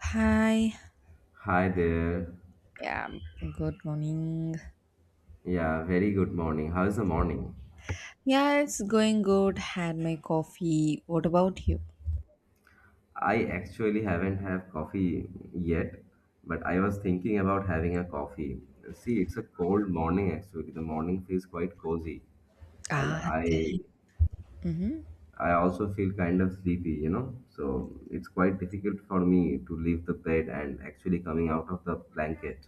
Hi, Hi there. good morning. Yeah, very good morning. How's the morning? Yeah, it's going good. Had my coffee. What about you? I actually haven't had coffee yet, but I was thinking about having a coffee. See, it's a cold morning actually. The morning feels quite cozy, and Ah, I mm-hmm. I also feel kind of sleepy. So it's quite difficult for me to leave the bed and actually coming out of the blanket.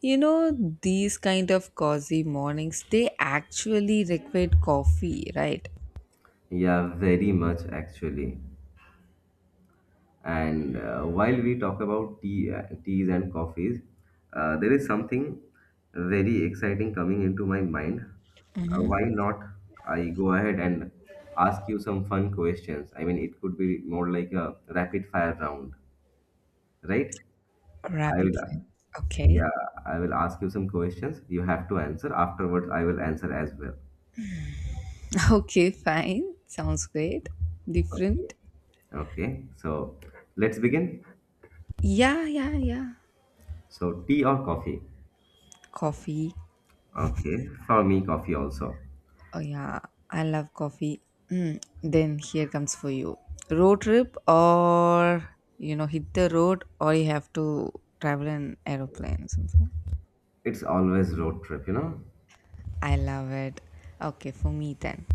You know, these kind of cozy mornings, they actually require coffee, right? Yeah, very much actually. And while we talk about tea, teas and coffees, there is something very exciting coming into my mind. Mm-hmm. Why not I go ahead and ask you some fun questions? I mean, it could be more like a rapid fire round, right? I Rapid will, uh, fire. Okay. yeah, I will ask you some questions. You have to answer. Afterwards, I will answer as well. Okay, fine. Sounds great. Okay. Different. Okay. So let's begin. Yeah, yeah, yeah. So, tea or coffee? Coffee. Okay. For me, coffee also. Oh yeah, I love coffee. Then here comes for you. Road trip, or hit the road, or you have to travel in aeroplane or something. It's always road trip, you know? I love it. Okay, for me then.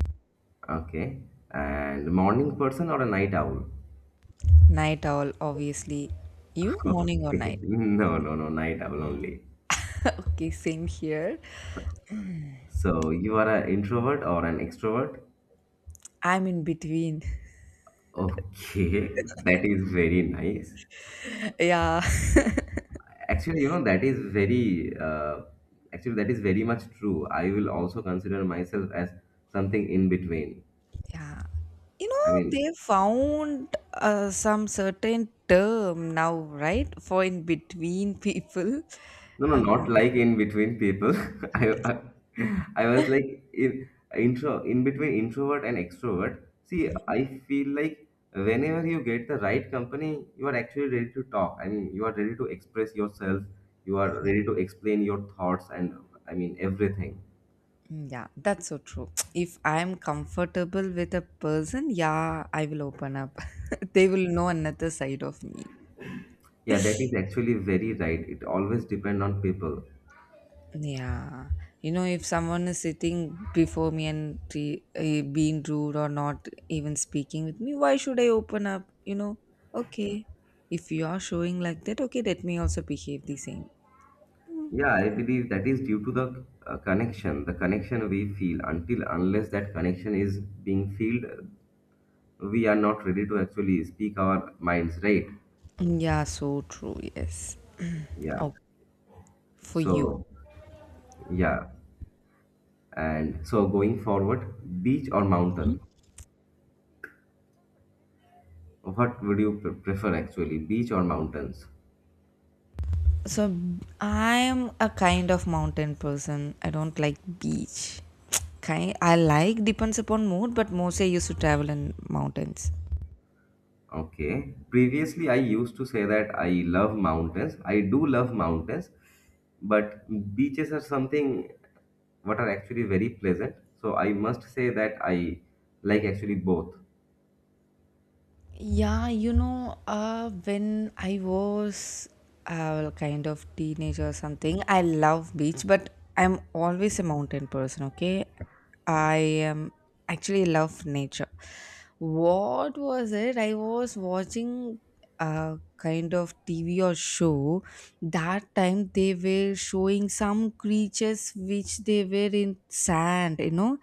Okay. And morning person or a night owl? Night owl obviously. You morning or Okay. night? No, no, no, night owl only. Okay, same here. So you are an introvert or an extrovert? I'm in between. Okay, that is very nice. Yeah. Actually, you know, that is very, uh, actually, that is very much true. I will also consider myself as something in between. Yeah. I They mean, found some certain term now, right? For in between people. no, no, Um, not like in between people. I, I, I was like in intro in between introvert and extrovert. See, Mhm. I feel like whenever you get the right company, you are actually ready to talk. I mean, you are ready to express yourself. You are ready to explain your thoughts and I mean everything. Yeah, that's so true. If I'm comfortable with a person, yeah, I will open up. They will know another side of me. Yeah, that is actually very right. It always depends on people. Yeah, if someone is sitting before me and being rude or not even speaking with me, why should I open up? Okay, if you are showing like that, okay, let me also behave the same. Yeah, I believe that is due to the connection we feel. Until unless that connection is being filled, we are not ready to actually speak our minds, right? Yeah, so true. Yes. Yeah. Oh, for you. So, yeah, and so going forward, beach or mountain, what would you prefer actually, beach or mountains? So I'm a kind of mountain person. I don't like beach. Kind I like depends upon mood, but mostly I used to travel in mountains. Okay, previously I used to say that I love mountains. I do love mountains, but beaches are something what are actually very pleasant, so I must say that I like actually both. Yeah, when I was a kind of teenager or something, I love beach, but I'm always a mountain person. Okay, I am actually love nature. What was it? I was watching kind of TV or show. That time they were showing some creatures which they were in sand,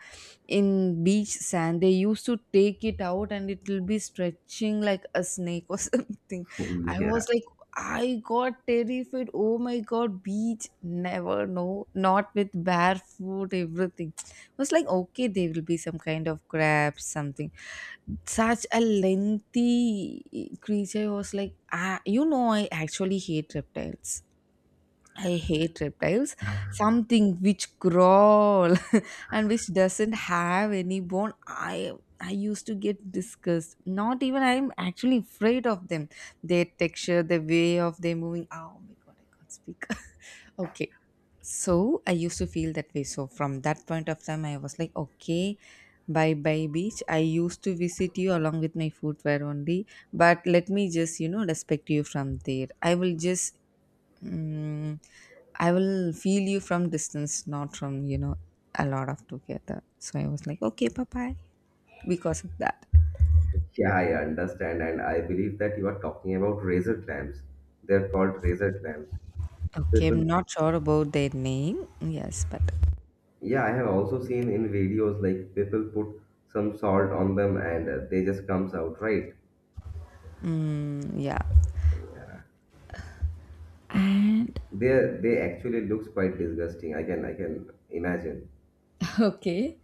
in beach sand. They used to take it out and it will be stretching like a snake or something. I was Yeah. like, I got terrified. Oh my god, beach, never, no, not with barefoot, everything. I was like, okay, there will be some kind of crabs, something such a lengthy creature, was like, I actually hate reptiles. I hate reptiles, something which crawl and which doesn't have any bone. I used to get disgust, not even, I'm actually afraid of them. Their texture, the way of their moving, oh my god, I can't speak. Okay, so I used to feel that way. So from that point of time, I was like, okay, bye bye beach. I used to visit you along with my footwear only, but let me just respect you from there. I will just, mm I will feel you from distance, not from a lot of together. So I was like, okay, bye bye, because of that. Yeah, I understand, and I believe that you are talking about razor clamps. They're called razor clamps. Okay, People, I'm not sure about their name. Yes, but yeah, I have also seen in videos like people put some salt on them and they just comes out, right? Yeah. And They actually looks quite disgusting. I can imagine. okay.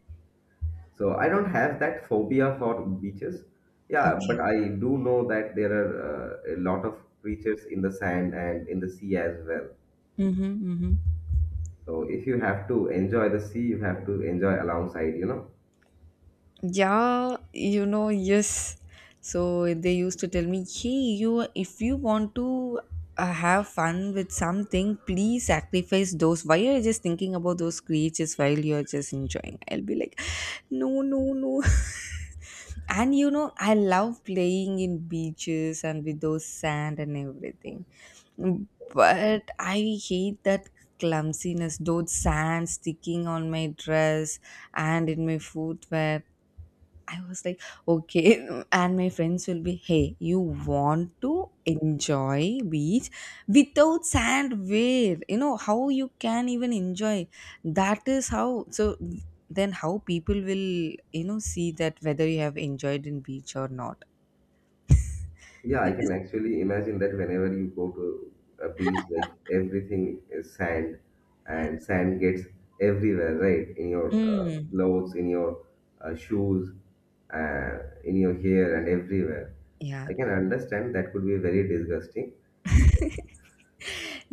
So I don't have that phobia for beaches. Yeah, Okay. but I do know that there are a lot of creatures in the sand and in the sea as well. Mm-hmm, mm-hmm. So if you have to enjoy the sea, you have to enjoy alongside. Yeah, yes. So they used to tell me, hey, you, if you want to have fun with something, please sacrifice those. Why are you just thinking about those creatures while you're just enjoying? I'll be like, no, no, no. And I love playing in beaches and with those sand and everything. But I hate that clumsiness, those sand sticking on my dress and in my footwear. I was like, okay. And my friends will be, hey, you want to enjoy beach without sand? Where? How you can even enjoy? That is how. So then how people will, see that whether you have enjoyed in beach or not. Yeah, I It is, can actually imagine that whenever you go to a beach, like everything is sand, and sand gets everywhere, right? In your mm, clothes, in your shoes, uh, in your hair, and everywhere. yeah. I can understand that could be very disgusting.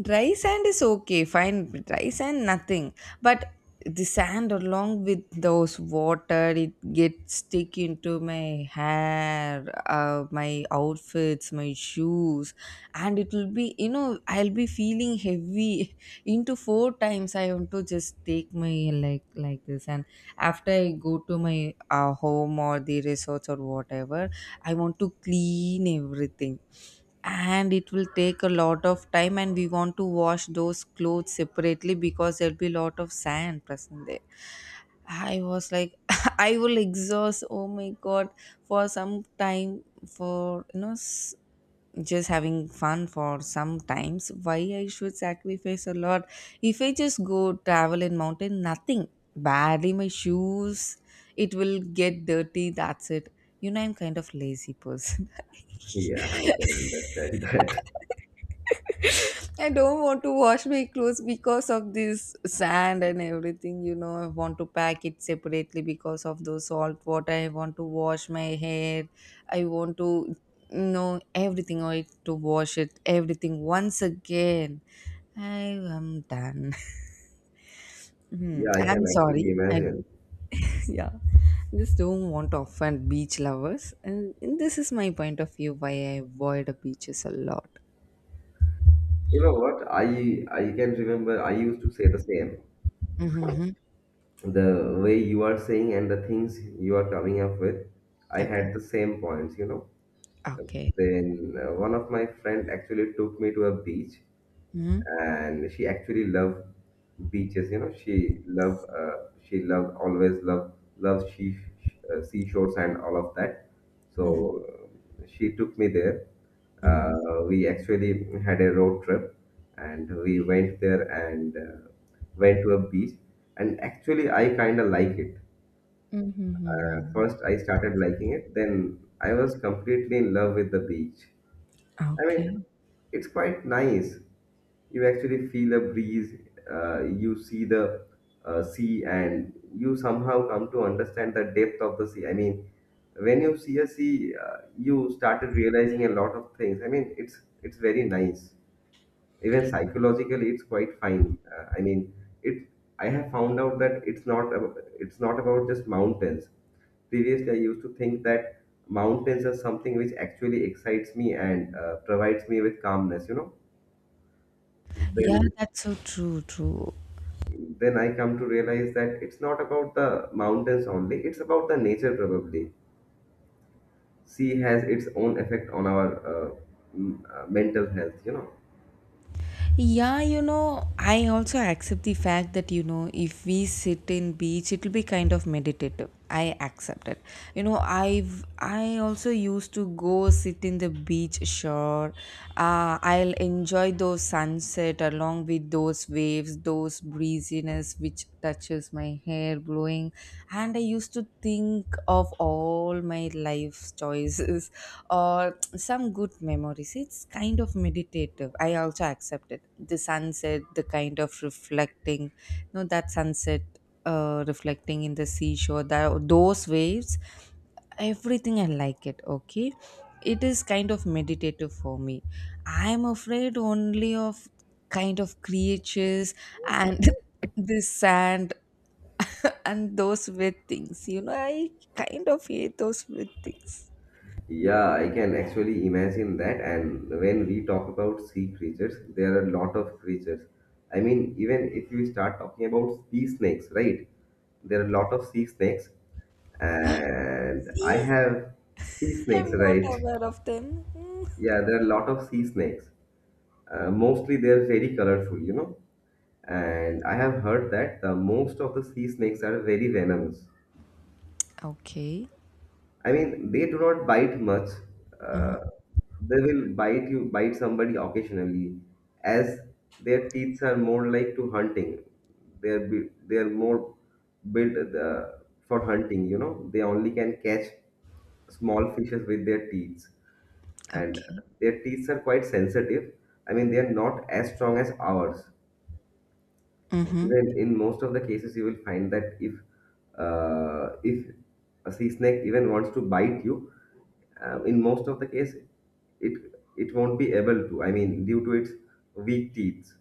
Dry sand is okay, fine. Dry sand, nothing. But the sand along with those water, it gets stick into my hair, my outfits, my shoes, and it will be, I'll be feeling heavy. Into four times, I want to just take my like this, and after I go to my home or the resorts or whatever, I want to clean everything, and it will take a lot of time, and we want to wash those clothes separately because there'll be a lot of sand present there. I was like, I will exhaust, oh my god, for some time, for just having fun for some times. Why I should sacrifice a lot? If I just go travel in mountain, nothing. Barely my shoes, it will get dirty, that's it. You know, I'm kind of lazy person. Yeah, I can understand that. I don't want to wash my clothes because of this sand and everything, I want to pack it separately because of the salt water. I want to wash my hair. I want to, no, everything I had to wash it, everything once again. I am done. Hmm, Yeah, I can I'm actually sorry. I imagine. yeah, just don't want to offend beach lovers, and this is my point of view why I avoid the beaches a lot. You know what? I can remember. I used to say the same. Mm-hmm, mm-hmm. The way you are saying and the things you are coming up with, I Okay. had the same points. Okay. Then one of my friend actually took me to a beach, Mm-hmm. and she actually loved beaches. She loved always loved loved she, seashores and all of that. Mm-hmm. So she took me there. Mm-hmm. We actually had a road trip, and we went there and went to a beach. And actually, I kind of like it. Mm-hmm. Mm-hmm. First, Mm-hmm. I started liking it. Then I was completely in love with the beach. I Okay. mean, it's quite nice. You actually feel the breeze, you see the sea, and you somehow come to understand the depth of the sea. I mean, when you see a sea, you started realizing a lot of things. I mean, it's very nice even psychologically. It's quite fine, I mean it I have found out that it's not about just mountains. Previously, I used to think that mountains are something which actually excites me and provides me with calmness. Yeah, then that's so true. True. then I come to realize that it's not about the mountains only. It's about the nature, probably. Sea has its own effect on our mental health. Yeah, I also accept the fact that, if we sit in beach, it'll be kind of meditative. I accept it. I've, I also used to go sit in the beach shore. I'll enjoy those sunset along with those waves, those breeziness which touches my hair blowing. And I used to think of all my life's choices or some good memories. It's kind of meditative. I also accept it. The sunset, the kind of reflecting, no, that sunset reflecting in the seashore, that, those waves, everything I like it. Okay. It is kind of meditative for me. I'm afraid only of kind of creatures and this sand and those wet things. I kind of hate those wet things. Yeah, I can actually imagine that. And when we talk about sea creatures, there are a lot of creatures. I mean, even if we start talking about sea snakes, right? There are a lot of sea snakes, and I See? have sea snakes, I'm not right? aware of them. Mm. Yeah, there are a lot of sea snakes. Mostly, they're very colorful. And I have heard that the most of the sea snakes are very venomous. Okay, I mean, they do not bite much. Uh, they will bite you, bite somebody occasionally, as their teeth are more like to hunting. They are more built for hunting. They only can catch small fishes with their teeth, and okay. their teeth are quite sensitive. I mean, they are not as strong as ours. Mm-hmm. Even in most of the cases you will find that if a sea snake even wants to bite you, in most of the case it it won't be able to. I mean, due to its weak teeth.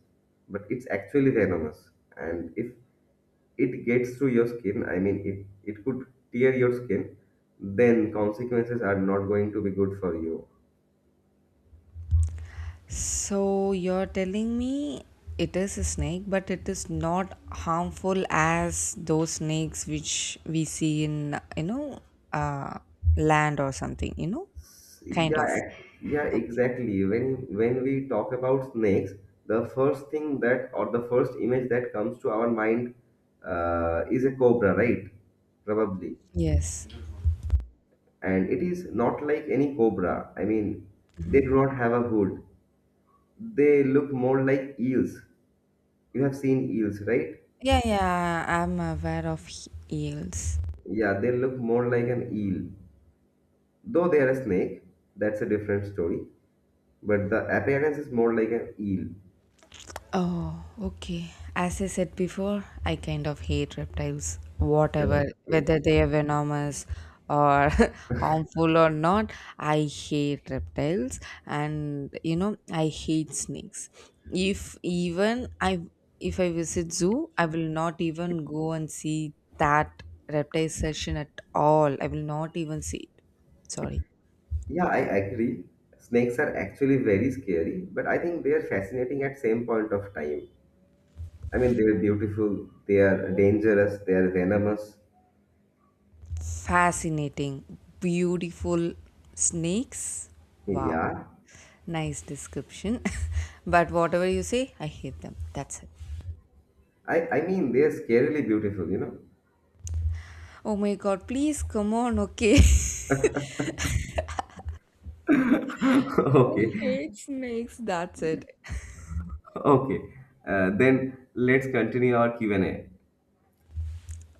But it's actually venomous, and if it gets through your skin, I mean, it could tear your skin. Then consequences are not going to be good for you. So you're telling me it is a snake, but it is not harmful as those snakes which we see in uh land or something, Kind Yeah, of. Yeah, Okay. exactly. When we talk about snakes, the first thing that or the first image that comes to our mind is a cobra, right? Probably. Yes. And it is not like any cobra. I mean, they Hmm. do not have a hood. They look more like eels. You have seen eels, right? Yeah, yeah, I'm aware of eels. Yeah, they look more like an eel. Though they are a snake, that's a different story. But the appearance is more like an eel. Oh, okay. As I said before, I kind of hate reptiles, Yeah. whatever, Okay. whether they are venomous or harmful or not. I hate reptiles and I hate snakes. If even I, if I visit zoo, I will not even go and see that reptile session at all. I will not even see it. Sorry. Yeah, I agree. Snakes are actually very scary, but I think they are fascinating at same point of time. I mean, they're beautiful, they are dangerous, they are venomous. Fascinating, beautiful snakes. Wow. Yeah, Nice description. But whatever you say, I hate them. That's it. I mean, they are scarily beautiful. Oh my god, please come on, okay? Okay, I hate snakes. That's it. okay. Then let's continue our Q&A.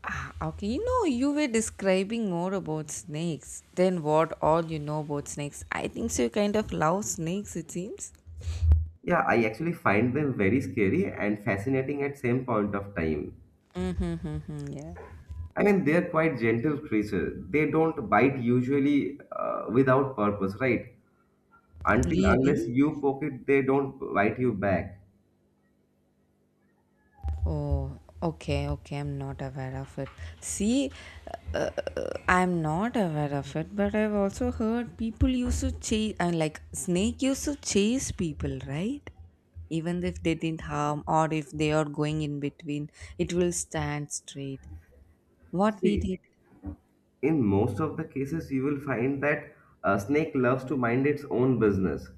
Ah, okay, you were describing more about snakes than what all you know about snakes. I think so, you kind of love snakes, it seems. Yeah, I actually find them very scary and fascinating at same point of time. Mm-hmm, yeah. I mean, they're quite gentle creatures. They don't bite usually without purpose, right? Until unless Really? you poke it, they don't bite you back. Oh, okay, okay. I'm not aware of it. See, uh, I'm not aware of it, but I've also heard people used to chase, like snake used to chase people, right? Even if they didn't harm or if they are going in between, it will stand straight. What we See, did. in most of the cases, you will find that a snake loves to mind its own business.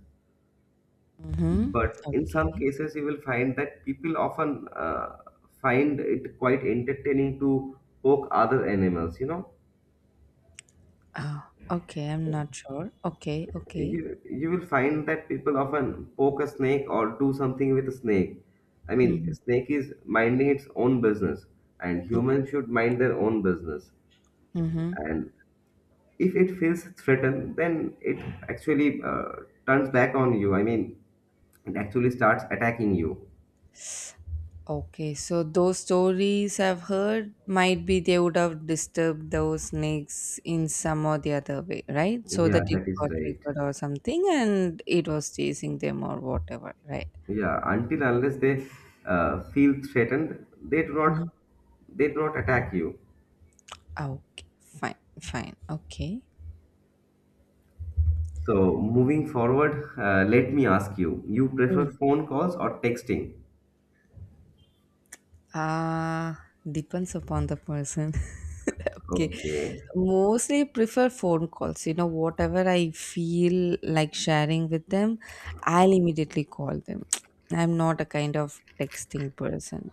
Mm-hmm. But in some Okay. cases, you will find that people often find it quite entertaining to poke other animals, you know. Oh, okay. I'm not sure. Okay, okay. You will find that people often poke a snake or do something with a snake. I mean, Mm-hmm. snake is minding its own business, and humans should mind their own business. Mm-hmm. And if it feels threatened, then it actually turns back on you. I mean, it actually starts attacking you. Okay, so those stories I've heard might be they would have disturbed those snakes in some or the other way, right? So that Yeah, it that is got right. triggered or something and it was chasing them or whatever, right? Yeah, until unless they feel threatened, Mhm. they do not attack you. Okay, fine, fine, okay. So moving forward, let me ask you: you Mm. prefer phone calls or texting? Uh, Depends upon the person. Okay, Okay. mostly prefer phone calls. Whatever I feel like sharing with them, I'll immediately call them. I'm not a kind of texting person.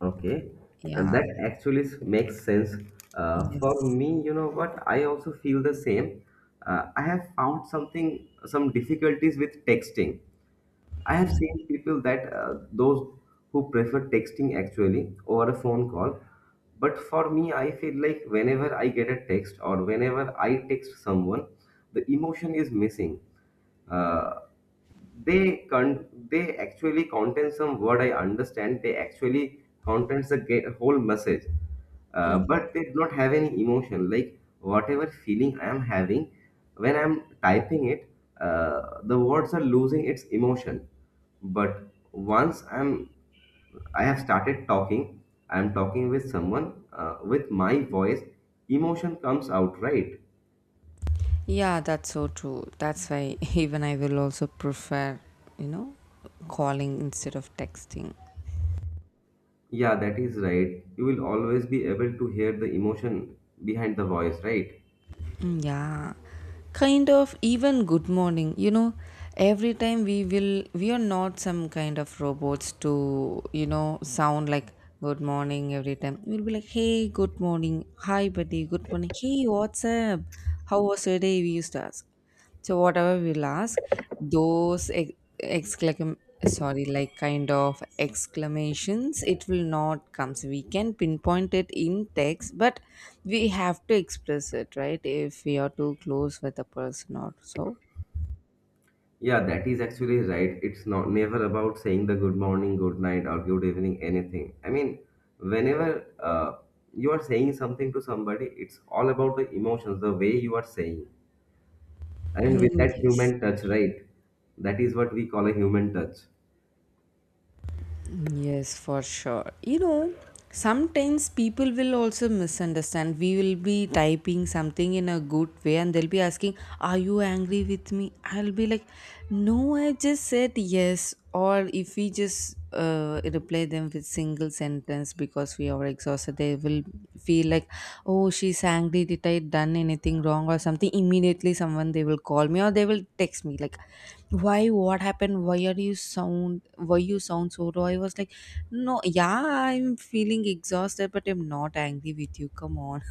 Okay, and Yeah. that actually makes sense. For Yes. me, you know what? I also feel the same. I have found something, some difficulties with texting. I have seen people that those who prefer texting actually over a phone call. But for me, I feel like whenever I get a text or whenever I text someone, the emotion is missing. Uh, they actually contain some word I understand. They actually contains the whole message, but Mhm. they do not have any emotion. Like whatever feeling I am having when I'm typing it, the words are losing its emotion. But once I'm I have started talking, I am talking with someone with my voice, emotion comes out, right? Yeah, that's so true. That's why even I will also prefer, you know, calling instead of texting. Yeah, that is right. You will always be able to hear the emotion behind the voice, right? Mm, yeah. Kind of even good morning. Every time we will, we are not some kind of robots to, sound like good morning every time. We'll be like, hey, good morning. Hi, buddy. Good morning. Hey, what's up? How was your day? We used to ask. So whatever we'll ask, those ex- exclam sorry, like kind of exclamations, it will not come. So we can pinpoint it in text, but we have to express it, right? If we are too close with a person or so. Yeah, that is actually right. It's not never about saying the good morning, good night, or good evening, anything. I mean, whenever you are saying something to somebody, it's all about the emotions, the way you are saying, and with Mm, that yes. human touch, right? That is what we call a human touch. Yes, for sure. Sometimes people will also misunderstand. We will be typing something in a good way and they'll be asking, are you angry with me? I'll be like, no, I just said yes. Or if we just reply them with single sentence because we are exhausted, they will feel like, oh, she's angry, did I done anything wrong or something. Immediately someone, they will call me or they will text me like, why, what happened, why are you sound, why you sound so raw? I was like, no, yeah, I'm feeling exhausted, but I'm not angry with you, come on.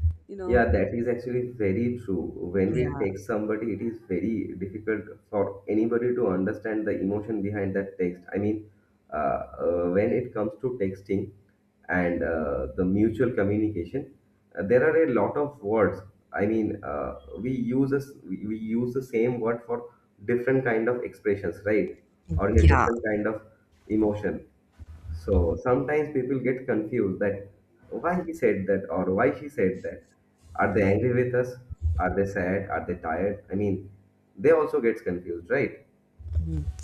You know. Yeah, that is actually very true. When we Yeah text somebody, it is very difficult for anybody to understand the emotion behind that text. I mean, when it comes to texting and the mutual communication, there are a lot of words. I mean, we use the same word for different kind of expressions, right? Or in a yeah different kind of emotion. So sometimes people get confused that why he said that or why she said that. Are they angry with us? Are they sad? Are they tired? I mean, they also gets confused, right?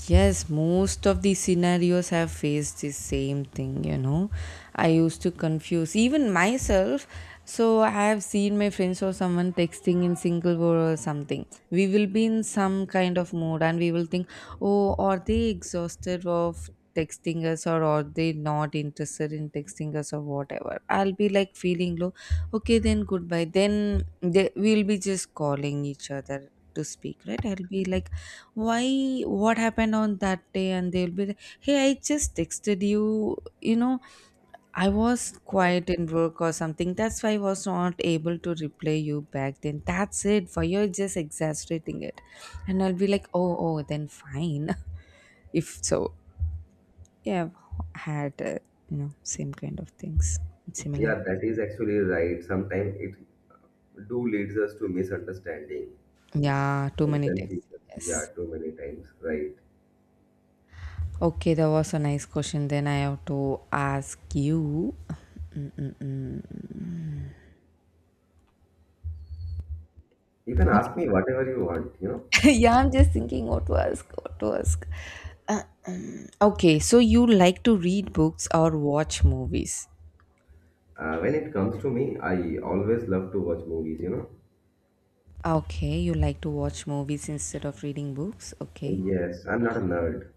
Yes, most of the scenarios have faced the same thing, I used to confuse even myself. So I have seen my friends or someone texting in single word or something. We will be in some kind of mood and we will think, oh, are they exhausted of texting us or are they not interested in texting us or whatever? I'll be like feeling low. Okay, then goodbye. Then we'll be just calling each other to speak, right? I'll be like, why what happened on that day, and they'll be like, hey, I just texted you you know I was quiet in work or something. That's why I was not able to reply you back then. That's it for you're just exaggerating it. And I'll be like, oh, then fine. If so, yeah. I've had same kind of things. Yeah, Similar. that is actually right. Sometimes it do leads us to misunderstanding Yeah, too and many texts. confusion. Yeah, Yes. too many times, right? Okay, that was a nice question. Then I have to ask you. Mm-mm-mm. You can ask me whatever you want. Yeah, I'm just thinking what to ask, what to ask. Uh, okay, so you like to read books or watch movies? When it comes to me, I always love to watch movies. Okay, you like to watch movies instead of reading books? Okay. Yes, I'm not a nerd.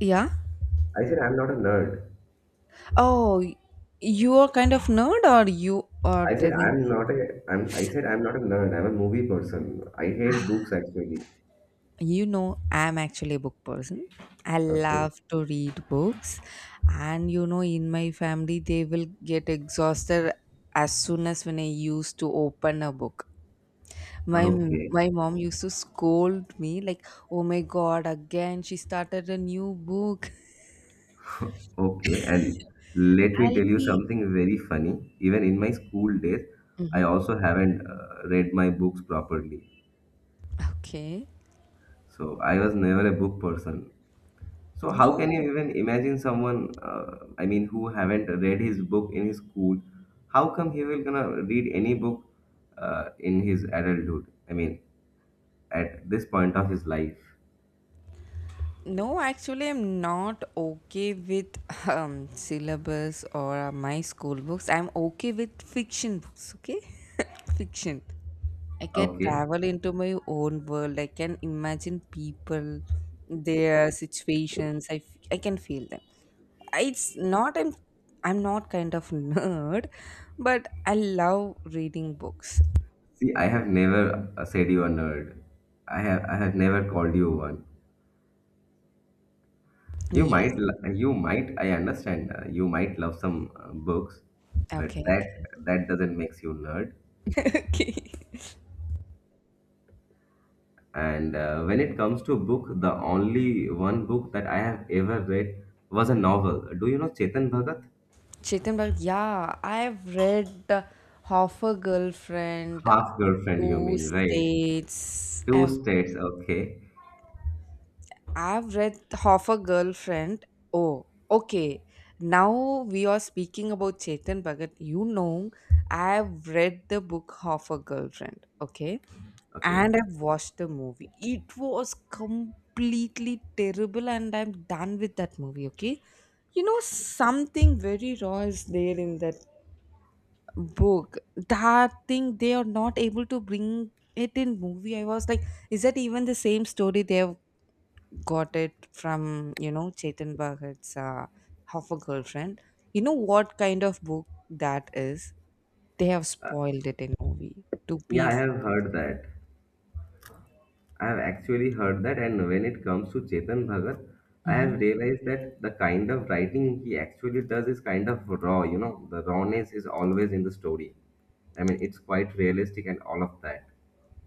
Yeah? I said I'm not a nerd. Oh, you are kind of nerd or you are telling. I said I'm not a nerd. I'm a movie person. I hate books actually. You know, I'm actually a book person. I Okay. love to read books, and you know, in my family they will get exhausted as soon as when I used to open a book. my m- Okay. my mom used to scold me like, oh my god, again she started a new book. Okay. And let me I'll tell you be. something very funny. Even in my school days, I Mhm. also haven't read my books properly. Okay. So I was never a book person. So how can you No, even imagine someone, I mean, who haven't read his book in his school? How come he will gonna read any book in his adulthood? I mean, at this point of his life. no, actually, I'm not okay with syllabus or my school books. I'm okay with fiction books, okay? Fiction. I can Okay. travel into my own world. I can imagine people, their situations. I can feel them. It's not. I'm not kind of nerd, but I love reading books. See, I have never said you are nerd. I have never called you one. You Yes. might l- you might I understand, you might love some books, but Okay. that doesn't makes you nerd. Okay. Okay. And when it comes to book, the only one book that I have ever read was a novel. Do you know Chetan Bhagat? Chetanbag, yeah, I've read Half a Girlfriend, Half Girlfriend, you Two mean, right? States. Two States. Okay. I've read Half a Girlfriend. Oh, okay. Now we are speaking about Chetan Bhagat. You know, I've read the book Half a Girlfriend, okay? Okay. And I've watched the movie. It was completely terrible, and I'm done with that movie, okay? You know, something very raw is there in that book. That thing they are not able to bring it in movie. I was like, is that even the same story? They've got it from, you know, Chetan Bhagat's Half a Girlfriend. You know what kind of book that is. They have spoiled it in movie. To Yeah, be. I have heard that. I have actually heard that, and when it comes to Chetan Bhagat, I have realized that the kind of writing he actually does is kind of raw, the rawness is always in the story. I mean, it's quite realistic and all of that.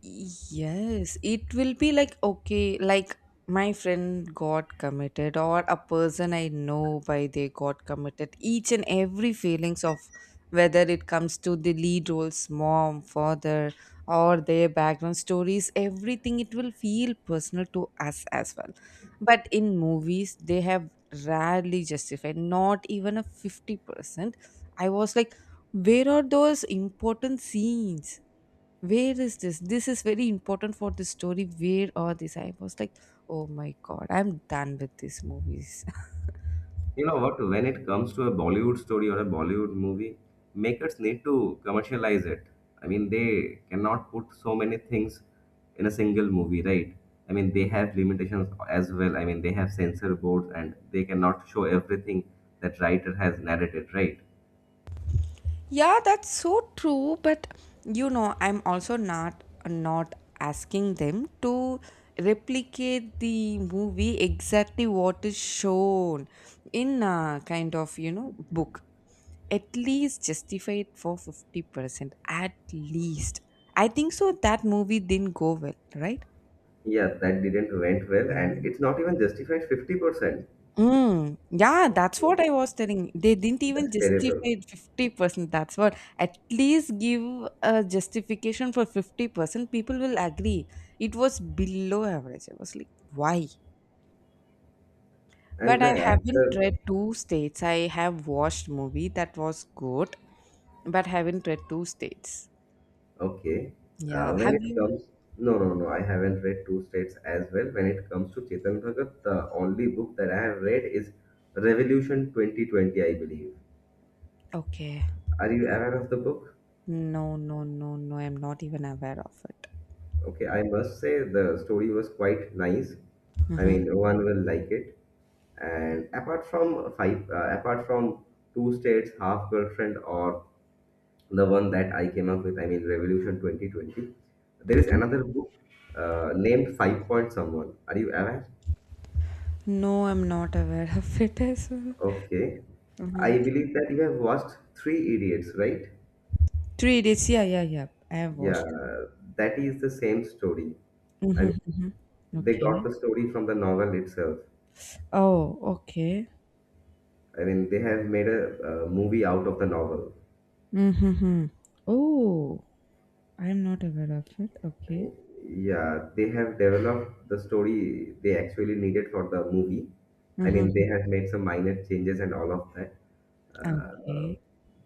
Yes, it will be like okay, like my friend got committed or a person I know by they got committed. Each and every feelings of whether it comes to the lead roles, mom, father, or their background stories, everything it will feel personal to us as well. But in movies, they have rarely justified, not even a 50%. I was like, where are those important scenes? Where is this? This is very important for the story. Where are these? I was like, oh my god, I'm done with these movies. You know what? When it comes to a Bollywood story or a Bollywood movie, makers need to commercialize it. I mean, they cannot put so many things in a single movie, right? I mean, they have limitations as well. I mean, they have censor boards and they cannot show everything that writer has narrated, right? Yeah, that's so true, but you know, I'm also not asking them to replicate the movie exactly what is shown in a kind of, you know, book. At least justify it for 50%, at least. I think so, that movie didn't go well, right? Yeah, that didn't went well, and it's not even justified 50%. Mm, yeah, that's Okay, what I was telling. They didn't even that's justify terrible. it 50%. That's what, at least give a justification for 50%. People will agree. It was below average. I was like, why? But And I the haven't actor. read Two States. I have watched movie, that was good, but haven't read Two States. Okay. Uh, Yeah. when Have it you? comes, no, no, no, I haven't read Two States as well. When it comes to Chetan Bhagat, the only book that I have read is Revolution 2020, I believe. Okay. Are you aware of the book? No, no, no, no. I'm not even aware of it. Okay, I must say the story was quite nice. I Hmm. mean, one will like it. And apart from Two States, Half Girlfriend, or the one that I came up with, I mean, Revolution 2020, there is another book named Five Point Someone. Are you aware? No, I'm not aware of it as well. Okay. Mhm. I believe that you have watched Three Idiots, right? Three days, yeah, yeah, yeah, I have Yeah, watched. that is the same story. I Mm-hmm, mean, mm-hmm. they got Okay. the story from the novel itself. Oh, okay. I mean, they have made a movie out of the novel. Mm-hmm. Oh, I'm not aware of it. Okay. Yeah, they have developed the story they actually needed for the movie. I mean, Mm-hmm. they have made some minor changes and all of that. Uh, Okay.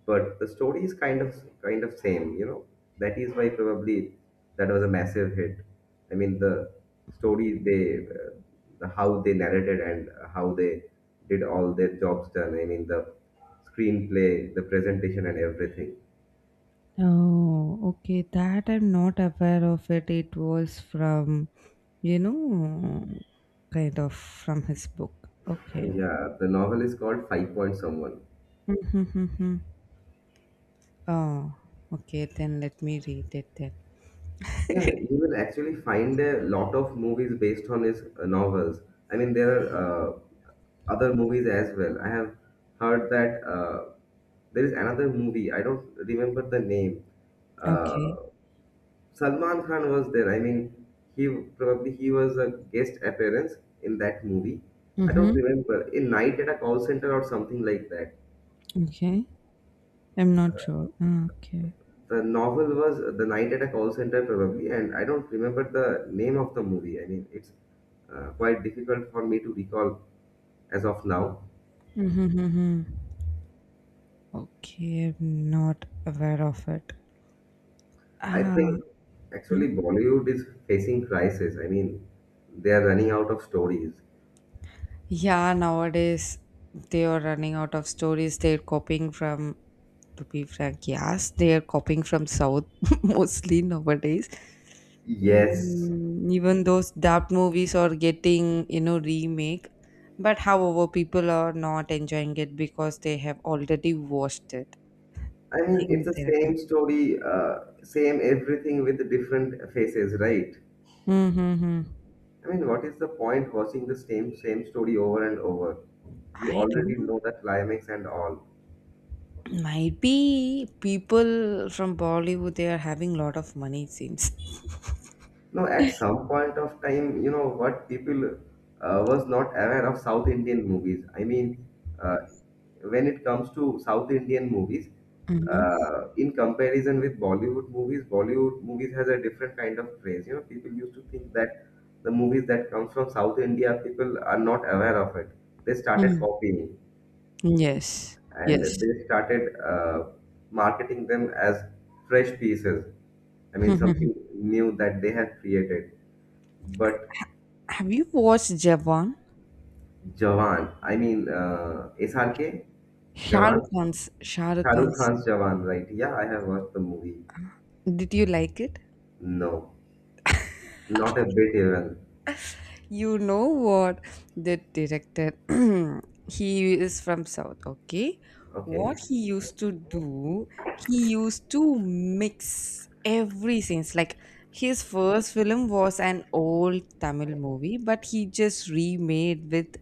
but the story is kind of same. That is why probably that was a massive hit. I mean, the story they how they narrated and how they did all their jobs done. I mean, the screenplay, the presentation, and everything. Oh, okay. That I'm not aware of it. It was from, you know, kind of from his book. Okay. Yeah, the novel is called Five Point Someone. Mm-hmm, mm-hmm. Oh, okay. Then let me read it then. Yeah, you will actually find a lot of movies based on his novels. I mean, there are other movies as well. I have heard that there is another movie. I don't remember the name. Okay. Uh, Salman Khan was there. I mean, he probably he was a guest appearance in that movie. I don't Mm-hmm. remember. In Night at a Call Center or something like that. Okay, I'm not sure. Ah, okay. The novel was The Night at a Call Center probably, and I don't remember the name of the movie. I mean, it's quite difficult for me to recall as of now. Mm-hmm, mm-hmm. Okay, I'm not aware of it. I Ah, think actually mm. Bollywood is facing crisis. I mean, they are running out of stories. Yeah, nowadays they are running out of stories. They're copying from, to be frank, yes, they are copying from South mostly nowadays. Yes, Mm, even those dubbed movies are getting, you know, remake. But however, people are not enjoying it because they have already watched it I mean, it's in the theater. same story, same everything with the different faces, right? Mm-hmm. I mean, what is the point watching the same story over and over? You I don't already know. know the climax and all. Might be people from Bollywood, they are having lot of money, it seems. No, at some point of time, you know what people was not aware of South Indian movies. I mean, uh, when it comes to South Indian movies, Mhm. In comparison with Bollywood movies has a different kind of craze. You know, people used to think that the movies that comes from South India, people are not aware of it. They started Mm. copying Yes, and yes. they started marketing them as fresh pieces. I mean, something new that they have created. But Have you watched Jawan? Jawan. I mean, SRK, Shah Jawan. Rukh Khan's, Shah Rukh Shahrukh Khan's. Khan's Jawan, right? Yeah, I have watched the movie. Did you like it? No, not a bit even. You know what, the director he is from south, okay? Okay, What he used to do, he used to mix every scenes like. His first film was an old Tamil movie, but he just remade with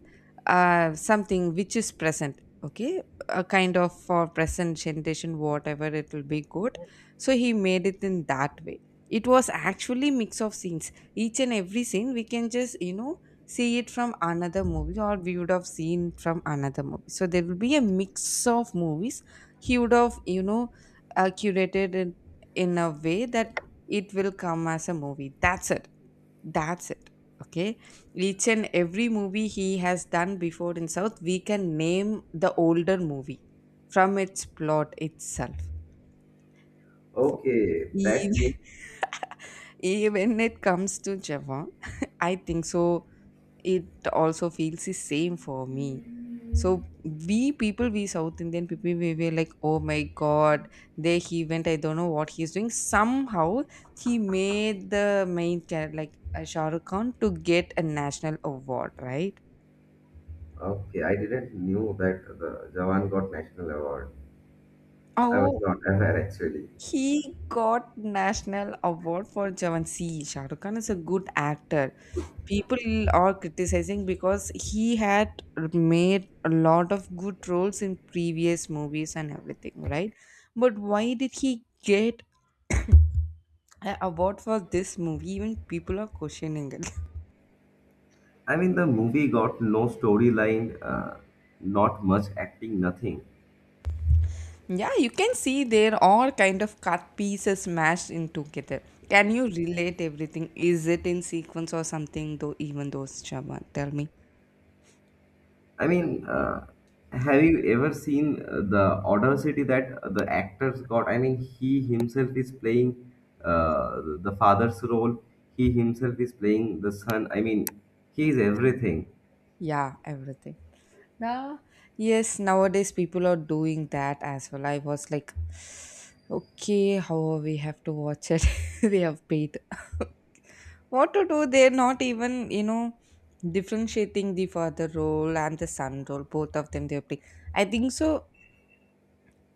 something which is present, okay, a kind of for present generation whatever it will be good. So he made it in that way. It was actually mix of scenes. Each and every scene we can just, you know, see it from another movie or we would have seen from another movie. So there will be a mix of movies. He would have, you know, curated it in a way that it will come as a movie. That's it. That's it. Okay. Each and every movie he has done before in south, we can name the older movie from its plot itself. For- okay, that means even when it comes to Japan, I think so, it also feels the same for me. So we people, we south Indian people, we were like, oh my god, there he went, I don't know what he's doing. Somehow he made the main character like Shah Rukh Khan to get a national award, right? okay. I didn't knew that the Jawan got national award. I was Oh, not aware actually. he got national award for Jawan. See, Shah Rukh Khan is a good actor. People are criticizing because he had made a lot of good roles in previous movies and everything, right? But why did he get an award for this movie? Even people are questioning it. I mean, the movie got no storyline, not much acting, nothing. Yeah, you can see there are kind of cut pieces mashed in together. Can you relate everything? Is it in sequence or something though? Even those, shaban tell me. I mean, have you ever seen the audacity that the actors got? I mean, he himself is playing the father's role. He himself is playing the son. I mean, he is everything. Yeah, everything. Nah, yes, nowadays people are doing that as well. I was like, okay, how we have to watch it? We have paid. What to do? They're not even, you know, differentiating the father role and the son role. Both of them they're playing. I think so.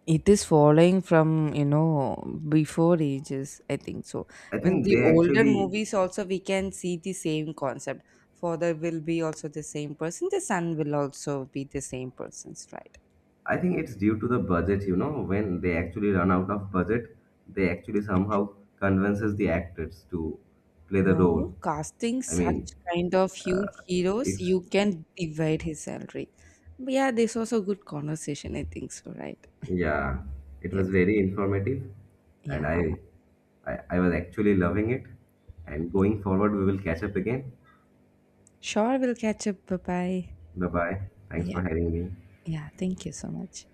It is following from, you know, before ages. I think so. I When think the they older actually, movies also we can see the same concept. Father will be also the same person. The son will also be the same person's right? I think it's due to the budget, when they actually run out of budget, they actually somehow convinces the actors to play the No, role. casting I such mean, kind of huge heroes, it's. you can divide his salary. But yeah, this was a good conversation, I think so, right? Yeah, it was Yes. very informative, and Yeah. I was actually loving it. And going forward, we will catch up again. Sure, we'll catch up. Bye bye. Bye bye. Thanks Yeah. for having me. Yeah. Thank you so much.